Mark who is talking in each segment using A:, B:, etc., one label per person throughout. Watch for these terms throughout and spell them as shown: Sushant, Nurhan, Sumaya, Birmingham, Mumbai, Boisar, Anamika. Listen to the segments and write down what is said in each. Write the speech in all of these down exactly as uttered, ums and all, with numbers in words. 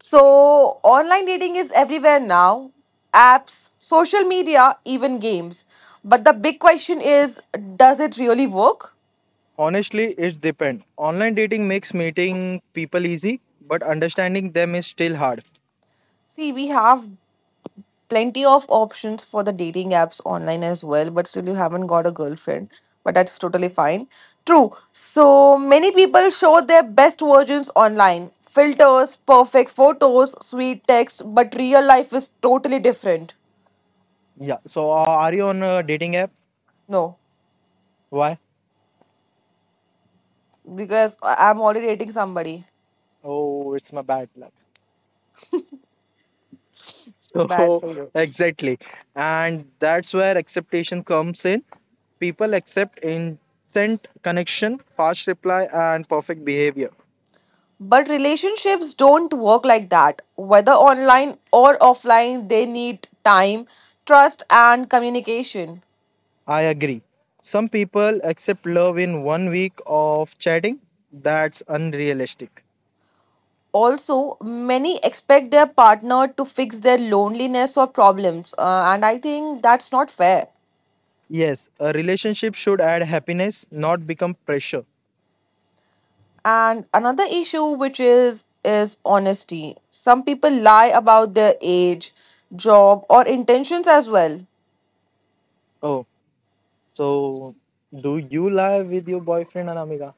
A: So, online dating is everywhere now apps, social media, even games. But the big question is does it really work?
B: Honestly, it depends. Online dating makes meeting people easy, but understanding them is still hard.
A: See, we have plenty of options for the dating apps online as well, but still you haven't got a girlfriend. But that's totally fine. True. So many people show their best versions online. Filters, perfect photos, sweet text, but real life is totally different.
B: Yeah, so uh, are you on a dating app?
A: No,
B: Why?
A: because I- I'm already dating somebody.
B: Oh, it's my bad luck.
A: Bad
B: So,
A: for you.
B: exactly. And that's where acceptation comes in. People accept instant connection, fast reply, and perfect behavior.
A: But relationships don't work like that. Whether online or offline, they need time, trust, and communication.
B: I agree. Some people accept love in one week of chatting. That's unrealistic.
A: Also, many expect their partner to fix their loneliness or problems, uh, and I think that's not fair.
B: Yes, a relationship should add happiness, not become pressure.
A: And another issue which is is honesty. Some people lie about their age, job or intentions as well.
B: Oh, so do you lie with your boyfriend, Anamika?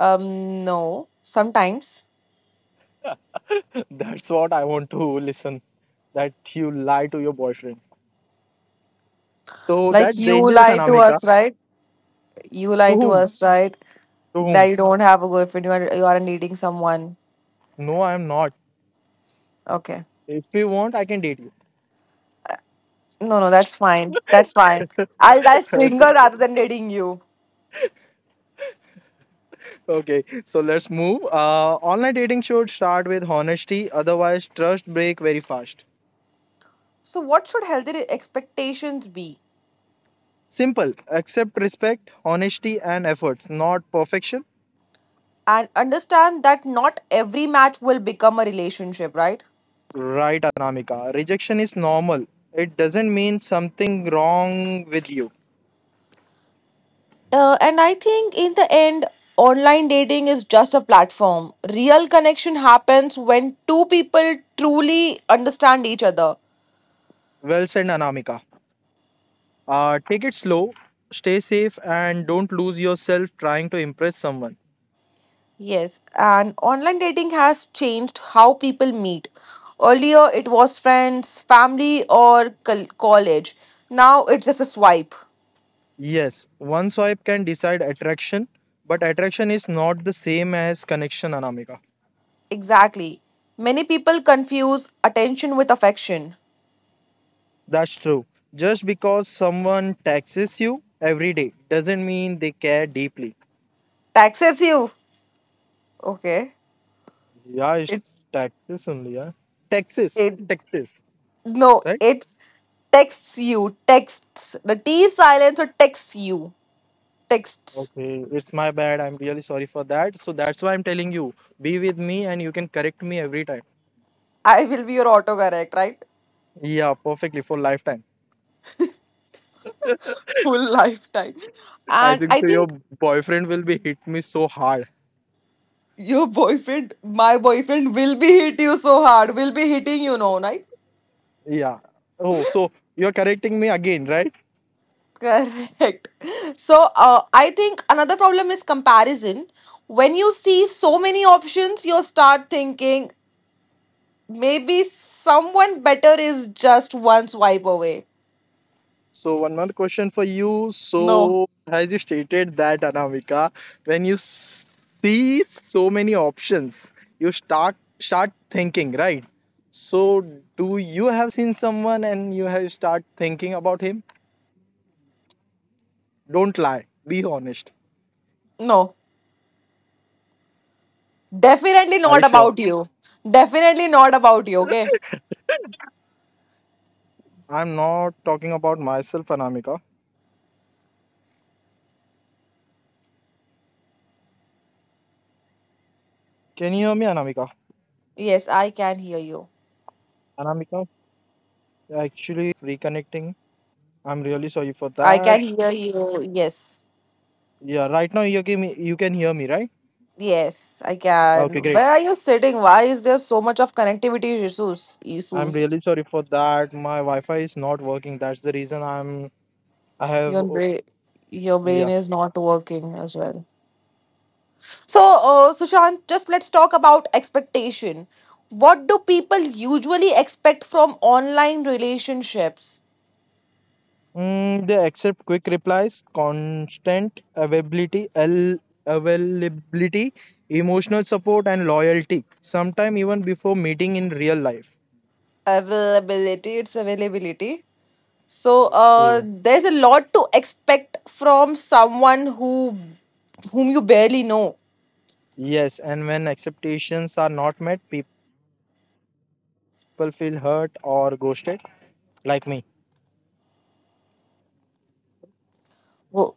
A: um No, sometimes
B: That's what I want to listen. That you lie to your boyfriend. So
A: like
B: that's
A: you
B: dangerous,
A: lie to
B: Anamika.
A: us, right? You
B: To
A: lie to
B: whom?
A: us, right?
B: To
A: That
B: whom?
A: you don't have a girlfriend, you are, you aren't dating someone.
B: No, I am not.
A: Okay,
B: If you want, I can date you.
A: no, no, that's fine, that's fine. I'll die single
B: Okay,
A: rather than dating you.
B: okay, so let's move. Uh online dating should start with honesty, otherwise trust break very fast.
A: So, what should healthy expectations be?
B: Simple. Accept respect, honesty, and efforts, not perfection,
A: And understand that not every match will become a relationship, right?
B: right, Anamika? Rejection is normal. It doesn't mean something wrong with you.
A: Uh, and I think in the end, online dating is just a platform. Real connection happens when two people truly understand each other.
B: Well said, Anamika. Uh take it slow, stay safe, and don't lose yourself trying to impress someone.
A: Yes, and online dating has changed how people meet. Earlier, it was friends, family, or col- college. Now, it's just a swipe.
B: Yes, one swipe can decide attraction, but attraction is not the same as connection, Anamika.
A: Exactly. Many people confuse attention with affection.
B: That's true. Just because someone taxes you every day doesn't mean they care deeply.
A: Taxes you. Okay.
B: Yeah, it's
A: It's
B: taxes only, yeah. Taxes,
A: it
B: taxes,
A: no,
B: right?
A: it's texts you. Texts. The T is silence or texts you. Texts.
B: Okay, it's my bad. I'm really sorry for that. So that's why I'm telling you, be with me and you can correct me every time.
A: I will be your autocorrect, right?
B: Yeah, perfectly, for lifetime.
A: Full lifetime.
B: I
A: And
B: think
A: I
B: so. Your
A: think
B: boyfriend will be hit me so hard.
A: your boyfriend, my boyfriend, will be hit you so hard. Will be hitting you now, right?
B: Yeah. Oh, so you're correcting me again, right?
A: Correct. So, uh, I think another problem is comparison. When you see so many options, you start thinking maybe someone better is just one swipe away.
B: So one more question for you.
A: No.
B: So as you stated that, Anamika, when you s- see so many options, you start start thinking, right? So do you have seen someone and you have start thinking about him? Don't lie. Be honest.
A: No, definitely
B: Are you
A: not
B: sure?
A: about you. Definitely not about you, okay?
B: I'm not talking about myself, Anamika. Can you hear me, Anamika?
A: Yes, I can hear you.
B: Anamika, actually reconnecting. I'm really sorry for
A: I can
B: that.
A: hear you. Yes.
B: Yeah, right now you can, you can hear me, right?
A: Yes, I
B: Okay,
A: can.
B: great.
A: Where are you sitting? Why is there so much of connectivity issues?
B: I'm
A: Issues.
B: really sorry for that. My Wi-Fi is not working. That's the reason I'm I have
A: Your
B: oh,
A: brain, your brain
B: yeah.
A: is not working as well. So, uh, Sushant, just let's talk about expectation. What do people usually expect from online relationships?
B: Mm, they accept quick replies, constant availability, L availability, emotional support, and loyalty. Sometime even before meeting in real life.
A: Availability, it's availability. So, uh,
B: Yeah.
A: there's a lot to expect from someone who whom you barely know.
B: Yes, and when expectations are not met, people feel hurt or ghosted, like me.
A: Wo-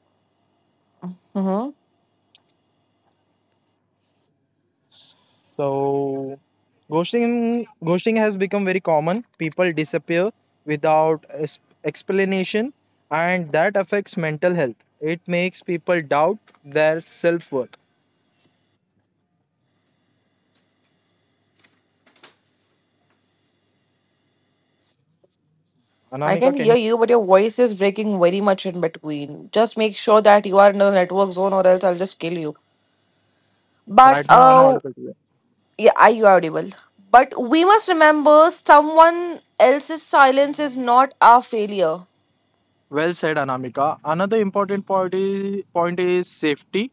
B: So, ghosting ghosting has become very common. People disappear without es- explanation, and that affects mental health. It makes people doubt their self worth.
A: I
B: Anamika,
A: can
B: can you.
A: hear you, but your voice is breaking very much in between. Just make sure that you are in a network zone, or else I'll just kill you. But
B: Right now, I'm
A: uh,
B: audible to you.
A: yeah, are you audible? But we must remember someone else's silence is not our failure.
B: Well said, Anamika. Another important point is, point is safety,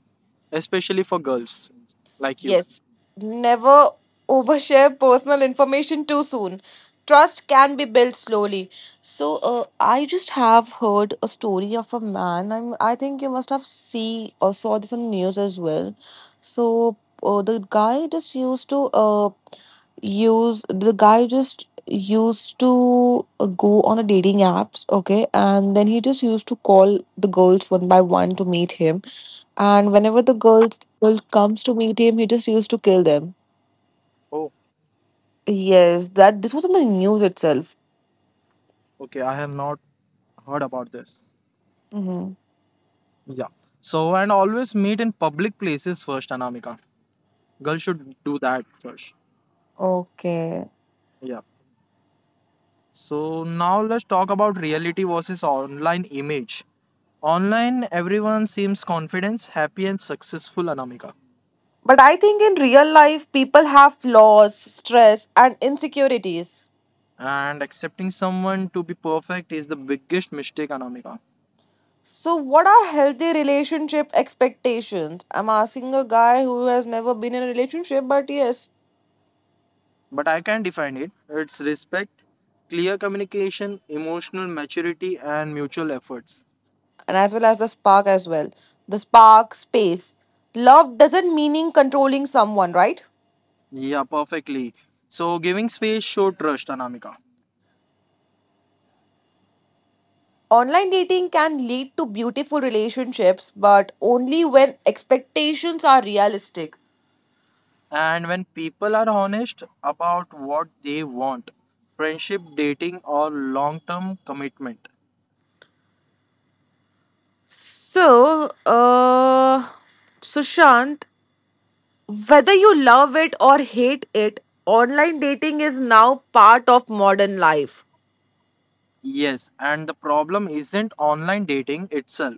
B: especially for girls like you.
A: Yes. Never overshare personal information too soon. Trust can be built slowly. So, uh, I just have heard a story of a man. I'm, I think you must have seen or saw this on the news as well. So, uh, the guy just used to uh, Use the guy just used to uh, go on the dating apps, okay, and then he just used to call the girls one by one to meet him. And whenever the girls girl comes to meet him, he just used to kill them.
B: Oh,
A: Yes, that this was in the news itself.
B: okay. I have not heard about this.
A: Hmm.
B: Yeah. So, and always meet in public places first, Anamika. Girls should do that first.
A: Okay.
B: Yeah. So now let's talk about reality versus online image. Online, everyone seems confident, happy, and successful, Anamika.
A: But I think in real life, people have flaws, stress, and insecurities.
B: And accepting someone to be perfect is the biggest mistake, Anamika.
A: So, what are healthy relationship expectations? I'm asking a guy who has never been in a relationship, but yes,
B: But I can define it. It's respect, clear communication, emotional maturity, and mutual efforts.
A: and as well as the spark as well. The spark space. Love doesn't meaning controlling someone, right?
B: Yeah, perfectly. So giving space show trust, Anamika.
A: Online dating can lead to beautiful relationships, but only when expectations are realistic.
B: And when people are honest about what they want, friendship, dating, or long term commitment.
A: So, uh, Sushant, whether you love it or hate it, online dating is now part of modern life.
B: Yes, and the problem isn't online dating itself,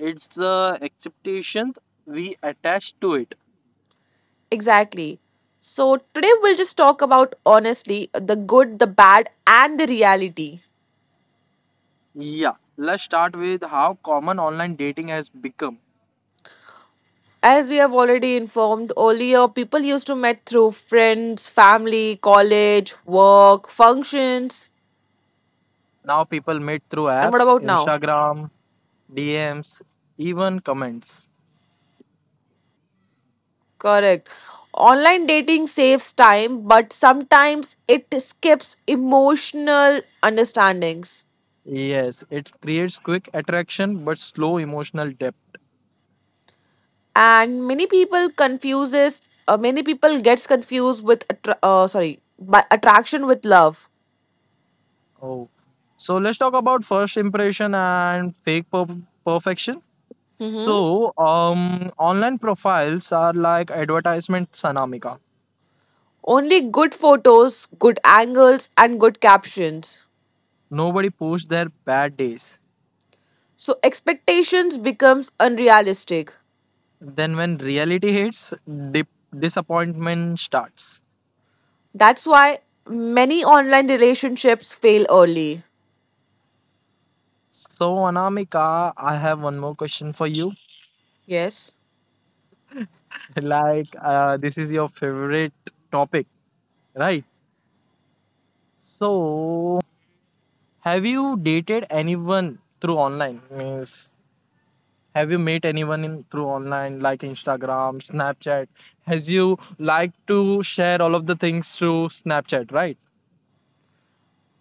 B: it's the expectations we attach to it.
A: Exactly. So today we'll just talk about honestly the good, the bad, and the reality.
B: Yeah, let's start with how common online dating has become.
A: As we have already informed earlier, people used to meet through friends, family, college, work, functions.
B: Now people meet through
A: And what
B: apps,
A: about now?
B: Instagram, D Ms, even comments.
A: Correct. Online dating saves time, but sometimes it skips emotional understandings.
B: Yes, it creates quick attraction but slow emotional depth.
A: And many people confuses, uh, many people gets confused with, attra- uh, sorry, by attraction with love.
B: Oh, so let's talk about first impression and fake per perfection.
A: Hmm.
B: So, um, online profiles are like advertisement tsunamika.
A: Only good photos, good angles, and good captions.
B: Nobody posts their bad days.
A: So expectations becomes unrealistic.
B: Then when reality hits, dip disappointment starts.
A: That's why many online relationships fail early.
B: So, Anamika, I have one more question for you.
A: Yes.
B: Like, uh, this is your favorite topic, right? So, have you dated anyone through online? Means, have you met anyone in through online like Instagram, Snapchat? Has you like to share all of the things through Snapchat, right?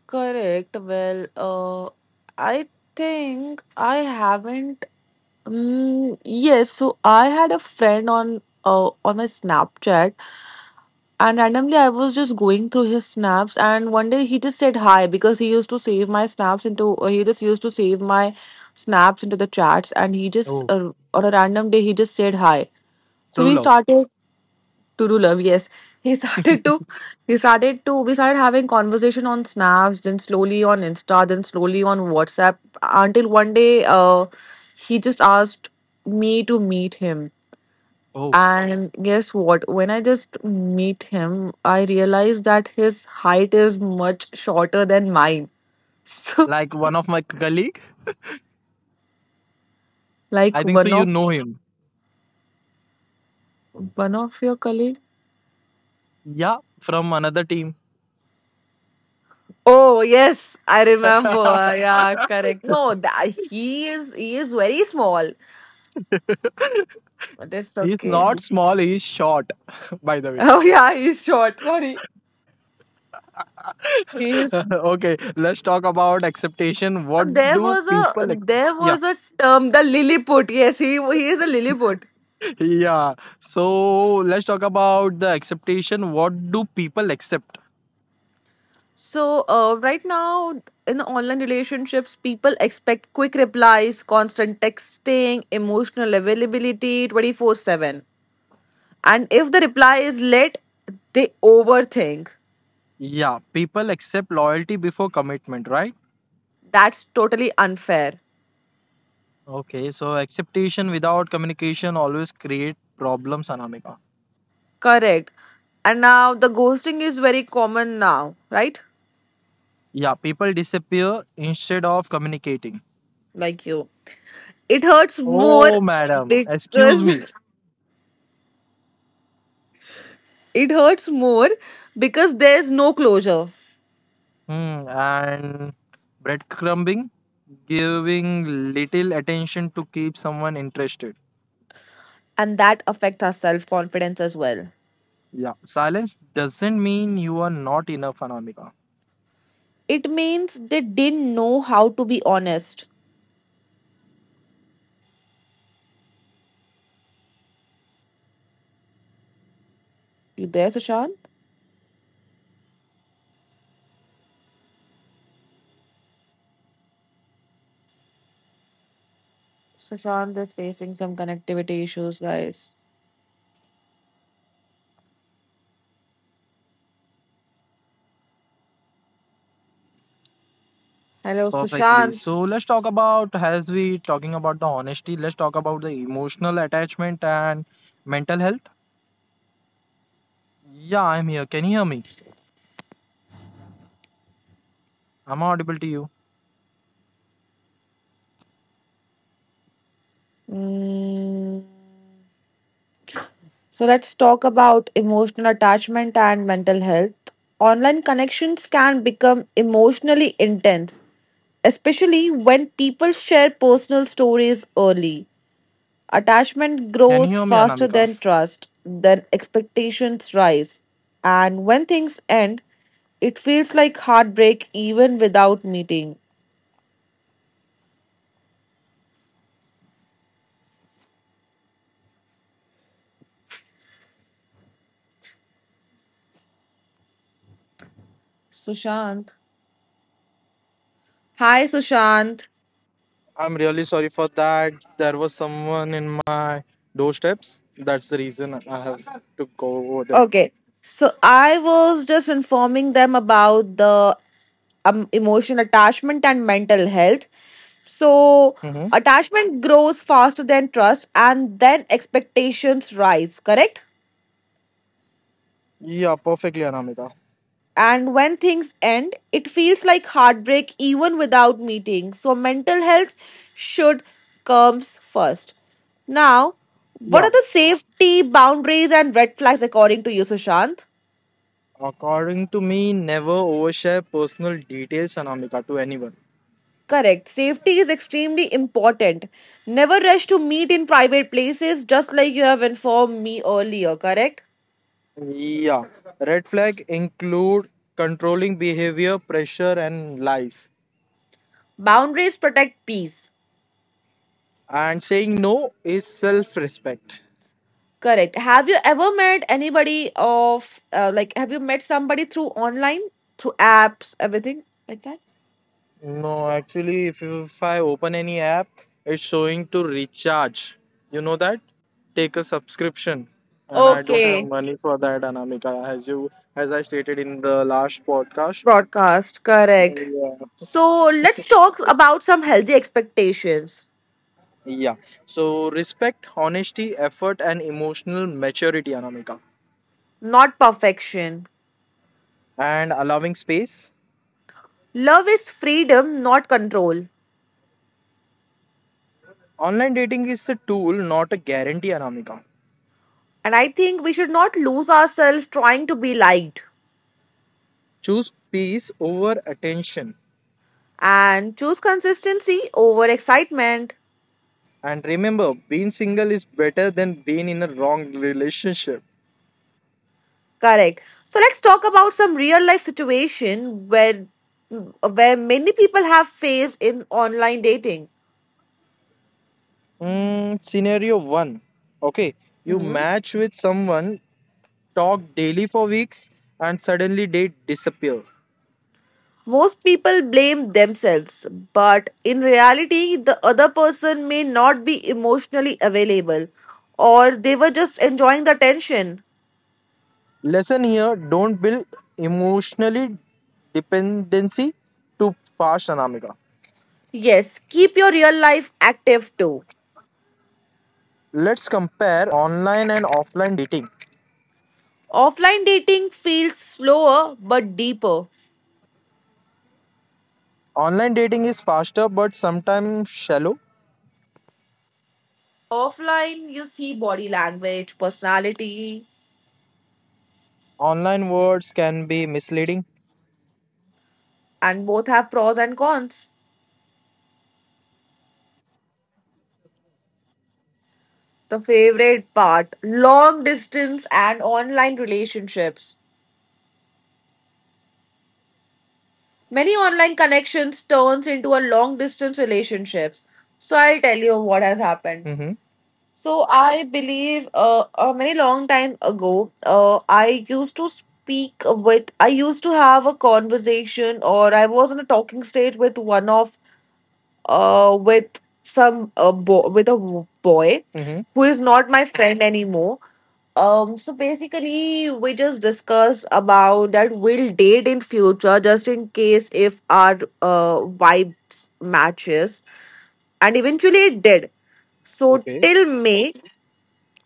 A: Correct. Well, uh, I think I haven't. Mm, yes, so I had a friend on uh, on my Snapchat. And randomly, I was just going through his snaps, and one day he just said hi because he used to save my snaps into, or he just used to save my snaps into the chats, and he just,
B: Oh,
A: uh, on a random day, he just said hi. So
B: true
A: we
B: love.
A: started to do love, yes. He started to, he started to, we started having conversation on snaps, then slowly on Insta, then slowly on WhatsApp, until one day, uh, he just asked me to meet him
B: Oh,
A: and guess what? When I just meet him, I realize that his height is much shorter than mine. So,
B: like one of my colleague. I
A: like
B: think so.
A: one
B: You
A: of
B: know him.
A: one of your colleague.
B: Yeah, from another team.
A: Oh yes, I remember. Uh, Yeah, correct. No, that, he is he is very small. But it's
B: He's
A: okay.
B: not small. He's short. By the way.
A: Oh yeah, he's short. Sorry, he is.
B: Okay, let's talk about acceptation. What
A: There
B: do
A: was a
B: people accept?
A: there
B: Yeah,
A: was a term the Lilliput. Yes, he he is a Lilliput.
B: yeah. So let's talk about the acceptation. What do people accept?
A: So, uh, right now in the online relationships, people expect quick replies, constant texting, emotional availability twenty four seven. And if the reply is late, they overthink.
B: Yeah, people accept loyalty before commitment, right?
A: That's totally unfair.
B: Okay, so acceptation without communication always create problems, Anamika.
A: Correct. And now the ghosting is very common now, right?
B: Yeah, people disappear instead of communicating.
A: Like you. It hurts more
B: Oh, madam, excuse me.
A: because it hurts more because there's no closure.
B: Hmm, and breadcrumbing, giving little attention to keep someone interested.
A: And that affects our self confidence as well.
B: Yeah, silence doesn't mean you are not enough, Anamika.
A: It means they didn't know how to be honest. You there, Sushant? Sushant is facing some connectivity issues, guys. Hello,
B: Perfectly.
A: Sushant.
B: So let's talk about, as we talking about the honesty, let's talk about the emotional attachment and mental health. Yeah, I'm here. Can you hear me? I'm audible to you.
A: Mm, so let's talk about emotional attachment and mental health. Online connections can become emotionally intense, especially when people share personal stories early. Attachment
B: Can you
A: grows
B: hear me,
A: faster
B: Anamika?
A: than trust, then expectations rise. And when things end, it feels like heartbreak even without meeting. Sushant. Hi, Sushant.
B: I'm really sorry for that. There was someone in my doorsteps. That's the reason I have to go over there.
A: Okay, so I was just informing them about the um, emotional attachment and mental health. So,
B: hmm
A: attachment grows faster than trust, and then expectations rise, correct?
B: Yeah, perfectly, Anamika.
A: And when things end, it feels like heartbreak even without meeting. So mental health should comes first. Now, what
B: Yeah.
A: are the safety boundaries and red flags according to you, Sushant?
B: According to me, never overshare personal details, Anamika, to anyone.
A: Correct. Safety is extremely important. Never rush to meet in private places, just like you have informed me earlier, correct?
B: Yeah. Red flag include controlling behavior, pressure, and lies.
A: Boundaries protect peace.
B: And saying no is self-respect.
A: Correct. Have you ever met anybody of uh, like have you met somebody through online, through apps, everything like that?
B: No, actually, if, you- if I open any app, it's showing to recharge. You know that? Take a subscription. And I don't have
A: Okay.
B: money for that, Anamika, as you as I stated in the last podcast.
A: Broadcast, correct.
B: Yeah.
A: So let's talk about some healthy expectations,
B: Yeah. So respect, honesty, effort, and emotional maturity, Anamika.
A: not perfection.
B: And allowing space.
A: Love is freedom, not control.
B: Online dating is a tool, not a guarantee, Anamika.
A: And I think we should not lose ourselves trying to be liked
B: Choose peace over attention.
A: and choose consistency over excitement.
B: And remember, being single is better than being in a wrong relationship.
A: Correct. So let's talk about some real life situation where where many people have faced in online dating.
B: Mm, scenario one. Okay, you
A: Hmm.
B: match with someone, talk daily for weeks, and suddenly they disappear.
A: Most people blame themselves, but in reality, the other person may not be emotionally available or they were just enjoying the tension.
B: Lesson here, don't build emotionally dependency to fast, Anamika.
A: Yes, keep your real life active too.
B: Let's compare online and offline dating.
A: Offline dating feels slower but deeper.
B: Online dating is faster but sometimes shallow.
A: Offline, you see body language, personality,
B: Online words can be misleading.
A: and both have pros and cons.
B: The key is intention, not platform.
A: The favorite part long distance and online relationships. Many online connections turns into a long distance relationships. So I'll tell you what has happened.
B: Mhm.
A: So I believe uh, a very long time ago uh I used to speak with I used to have a conversation or I was in a talking stage with one of uh, with some uh, bo- with a w- boy
B: Mhm.
A: who is not my friend anymore. Um, so basically, we just discussed about that we'll date in future just in case if our uh, vibes matches, and eventually it did. So
B: Okay.
A: till May,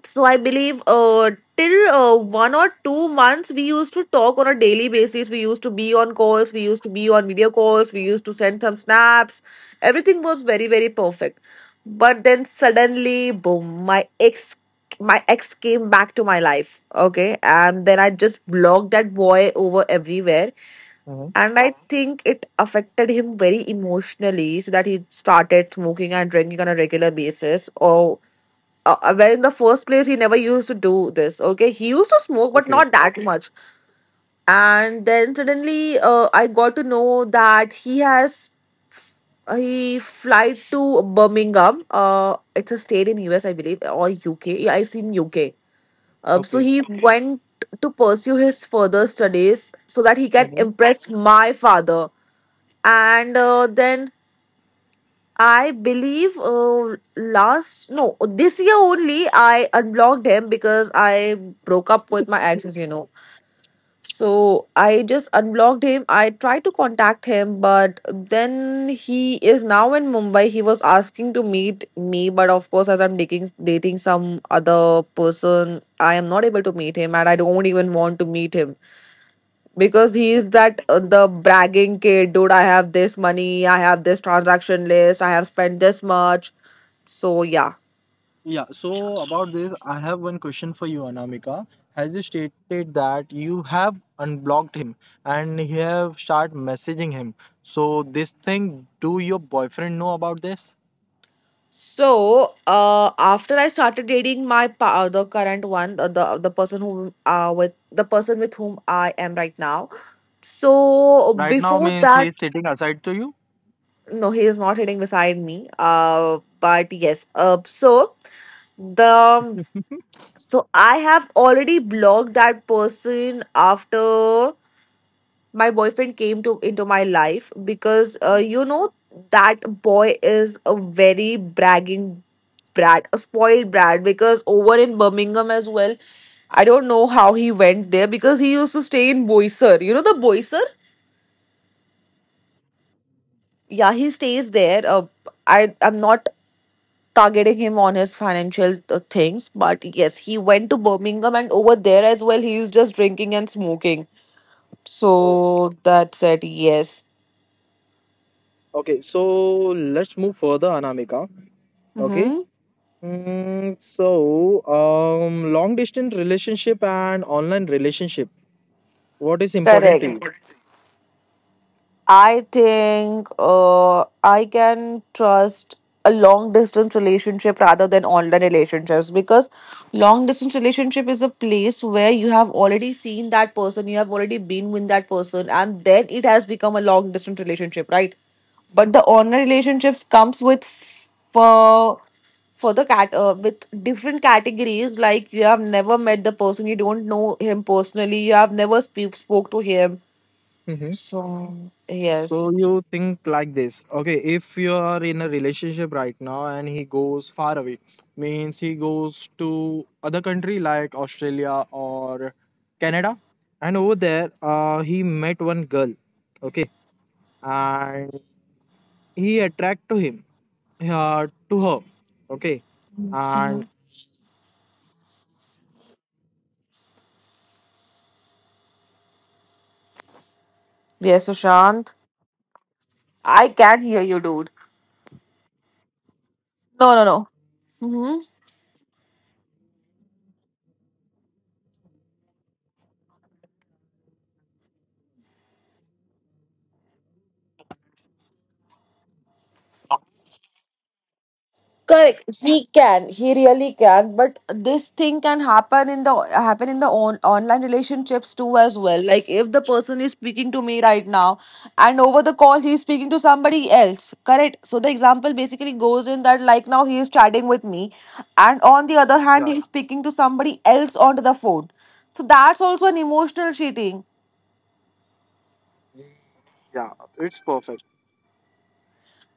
A: so I believe uh, till uh, one or two months, we used to talk on a daily basis. We used to be on calls. We used to be on video calls. We used to send some snaps. Everything was very very perfect. But then suddenly, boom! My ex, my ex came back to my life. Okay, and then I just blocked that boy over everywhere.
B: Mhm.
A: And I think it affected him very emotionally, so that he started smoking and drinking on a regular basis. Or uh, uh, well, in the first place, he never used to do this. Okay, he used to smoke, but
B: Okay.
A: not that much. And then suddenly, uh, I got to know that he has uh, he flight to Birmingham. Uh, it's a state in U S, I believe, or U K. Yeah, I've seen U K. Uh, so
B: Okay.
A: he went to pursue his further studies so that he can
B: Mhm.
A: impress my father. And uh, then I believe uh, last no this year only I unblocked him because I broke up with my ex, as you know. So I just unblocked him. I tried to contact him, but then he is now in Mumbai. He was asking to meet me, but of course, as I'm dating dating some other person, I am not able to meet him, and I don't even want to meet him because he is
B: Okay.
A: that uh, the bragging kid dude. I have this money, I have this transaction list, I have spent this much. So yeah.
B: Yeah, so about this, I have one question for you, Anamika. Has you stated that you have unblocked him and you have started messaging him? So this thing, do your boyfriend know about this?
A: So uh after I started dating my pa- uh, the current one, uh, the the person whom uh with, the person with whom I am right now. So
B: Right now,
A: before
B: means,
A: that,
B: he's sitting aside to you?
A: no, he is not sitting beside me, uh but yes. Uh so the so I have already blocked that person after my boyfriend came to into my life, because uh, you know, that boy is a very bragging brat, a spoiled brat. Because over in Birmingham as well, I don't know how he went there, because he used to stay in Boisar. You know the Boisar? Yeah, he stays there. Uh, I I'm not targeting him on his financial uh, things, but yes, he went to Birmingham, and over there as well, he's just drinking and smoking.
B: Oh,
A: So that's it. Yes.
B: okay. So let's move further, Anamika. Okay.
A: Mm-hmm.
B: Mm, so, um, long distance relationship and online relationship. What is important to you?
A: Correct. I think uh, I can trust a long distance relationship rather than online relationships, because long distance relationship is a place where you have already seen that person, you have already been with that person, and then it has become a long distance relationship, right? But the online relationships comes with for for the cat uh, with different categories, like you have never met the person, you don't know him personally, you have never speak spoke to him.
B: hmm
A: So
B: So
A: yes.
B: you think like this. Okay, if you are in a relationship right now and he goes far away, means he goes to other country like Australia or Canada, and over there, uh, he met one girl. Okay, and he attract to him, uh, to her, okay,
A: Mhm.
B: and.
A: Yes, Sushant. I can hear you, dude. No, no, no. Hmm. Correct. He can. He really can. But this thing can happen in the happen in the on, online relationships too as well. Like if the person is speaking to me right now, and over the call he is speaking to somebody else. Correct. So the example basically goes in that, like, now he is chatting with me, and on the other hand
B: Yeah.
A: he is speaking to somebody else onto the phone. So that's also an emotional cheating.
B: Yeah. It's perfect.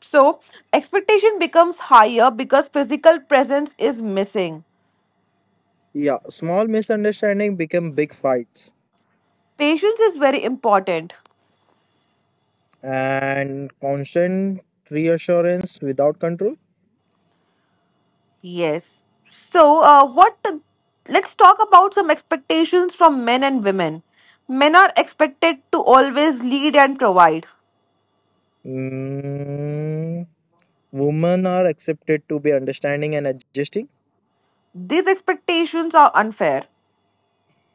A: So expectation becomes higher because physical presence is missing.
B: Yeah, small misunderstanding become big fights
A: Patience is very important.
B: and constant reassurance without control.
A: Yes. So, uh, what let's talk about some expectations from men and women. Men are expected to always lead and provide.
B: Mm, women are accepted to be understanding and adjusting.
A: These expectations are unfair.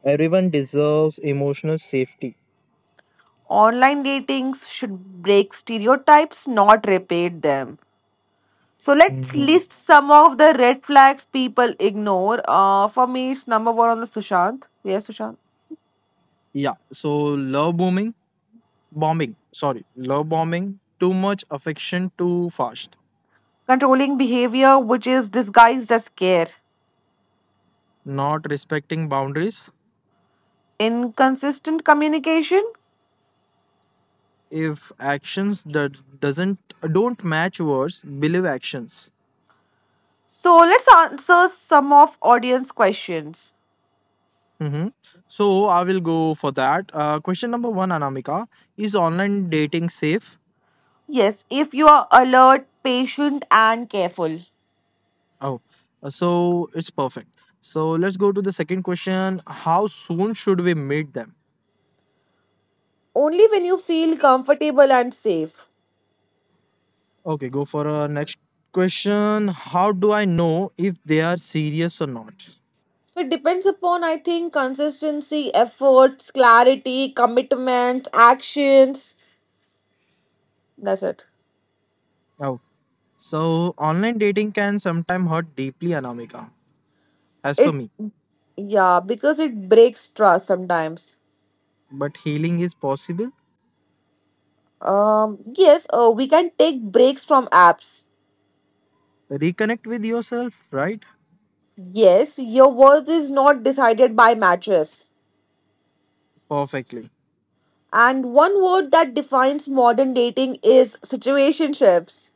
B: Everyone deserves emotional safety.
A: Online datings should break stereotypes, not repeat them. So let's
B: Mhm.
A: list some of the red flags people ignore. Uh, for me, it's number one on the Sushant. Yes, Sushant.
B: Yeah, so love bombing, bombing, sorry, love bombing, too much affection too fast,
A: Controlling behavior which is disguised as care,
B: not respecting boundaries,
A: inconsistent communication.
B: if actions that doesn't don't match words, believe actions.
A: So let's answer some of audience questions.
B: hmm so I will go for that. Uh, question number one, Anamika, is online dating safe?
A: Yes, if you are alert, patient and careful.
B: Oh. Uh, so it's perfect. So let's go to the second question. How soon should we meet them?
A: Only when you feel comfortable and safe.
B: Okay, go for a next question. How do I know if they are serious or not?
A: So it depends upon, I think, consistency, efforts, clarity, commitment, actions. That's it.
B: Oh, so online dating can sometimes hurt deeply, Anamika, as per
A: It,
B: me,
A: yeah, because it breaks trust sometimes.
B: but healing is possible.
A: Um yes, uh, we can take breaks from apps.
B: Reconnect with yourself, right?
A: Yes, your worth is not decided by matches.
B: Perfectly.
A: And one word that defines modern dating is situationships.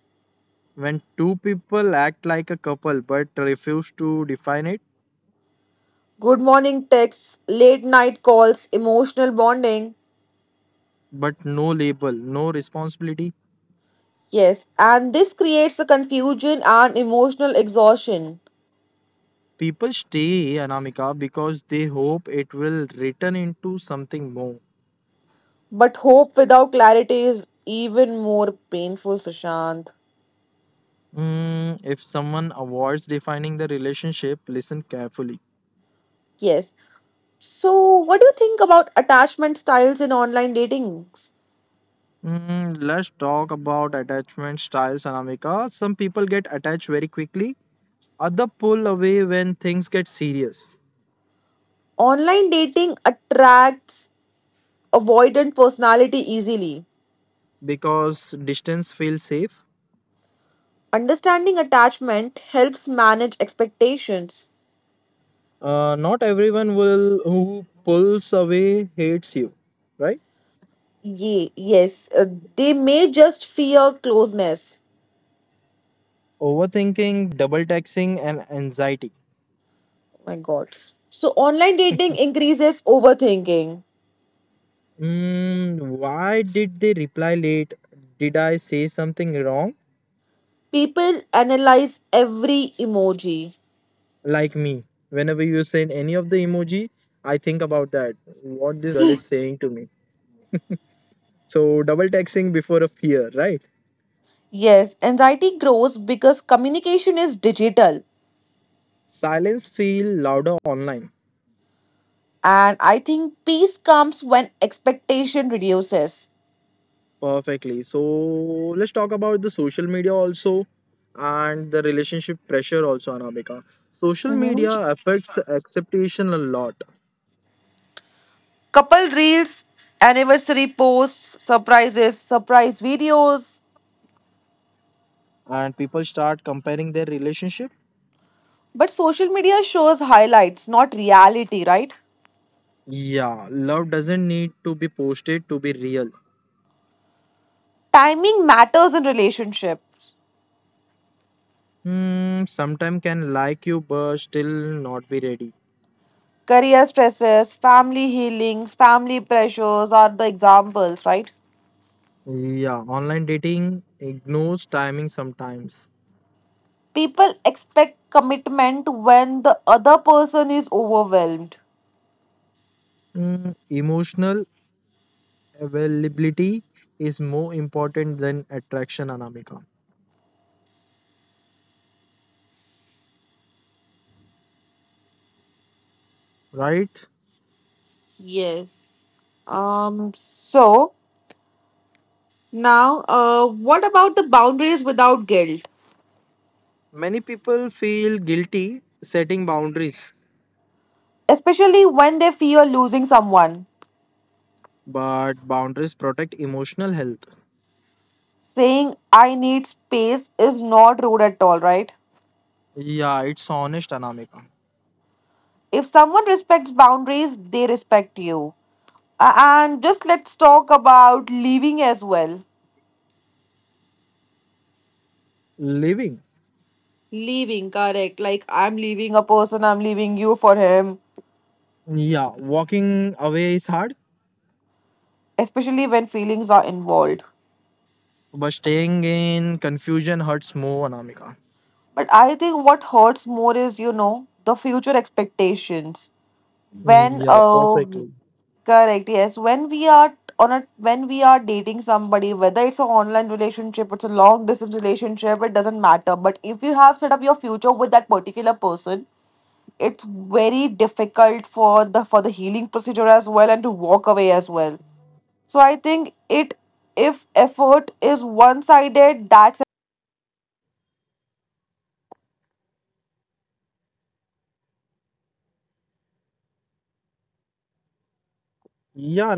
B: When two people act like a couple but refuse to define it.
A: Good morning texts, late night calls, emotional bonding.
B: But no label, no responsibility.
A: Yes, and this creates a confusion and emotional exhaustion.
B: People stay, Anamika, because they hope it will return into something more.
A: But hope without clarity is even more painful, Sushant.
B: Mm, if someone avoids defining the relationship, listen carefully.
A: Yes. So what do you think about attachment styles in online dating?
B: Mm, let's talk about attachment styles, Anamika. Some people get attached very quickly, other pull away when things get serious
A: Online dating attracts avoidant personality easily.
B: because distance feels safe.
A: Understanding attachment helps manage expectations.
B: Uh, not everyone will who pulls away hates you, right?
A: Ye Yes, uh, they may just fear closeness.
B: Overthinking, double taxing, and anxiety.
A: Oh my God. So online dating increases overthinking.
B: Mm, why did they reply late? Did I say something wrong?
A: People analyze every emoji.
B: Like me, whenever you send any of the emoji, I think about that. What this girl is saying to me. So double texting before a fear, right?
A: Yes, anxiety grows because communication is digital.
B: Silence feel louder online.
A: And I think peace comes when expectation reduces.
B: Perfectly. So let's talk about the social media also and the relationship pressure also, Anamika. Social
A: Mhm.
B: media affects the acceptation a lot,
A: Couple reels, anniversary posts, surprises, surprise videos.
B: and people start comparing their relationship.
A: But social media shows highlights, not reality, right?
B: Yeah, love doesn't need to be posted to be real.
A: Timing matters in relationships.
B: Hmm, sometime can like you but still not be ready.
A: Career stresses, family healings, family pressures are the examples, right?
B: Yeah, online dating ignores timing sometimes.
A: People expect commitment when the other person is overwhelmed.
B: Hmm, emotional availability is more important than attraction, Anamika, right?
A: Yes. Um, so now, uh, what about the boundaries without guilt?
B: Many people feel guilty setting boundaries,
A: Especially when they fear losing someone.
B: but boundaries protect emotional health.
A: Saying I need space is not rude at all, right?
B: Yeah, it's honest, Anamika.
A: If someone respects boundaries, they respect you. A- And just let's talk about leaving as well.
B: Living,
A: Leaving, correct. Like, I'm leaving a person, I'm leaving you for him,
B: yeah, walking away is hard.
A: especially when feelings are involved.
B: But staying in confusion hurts more, Anamika.
A: But I think what hurts more is, you know, the future expectations. When
B: Yeah,
A: uh
B: perfectly.
A: correct, yes, when we are on a, when we are dating somebody, whether it's an online relationship, it's a long distance relationship, it doesn't matter, but if you have set up your future with that particular person, it's very difficult for the for the healing procedure as well, and to walk away as well. So I think it, if effort is one sided, that's
B: Yeah,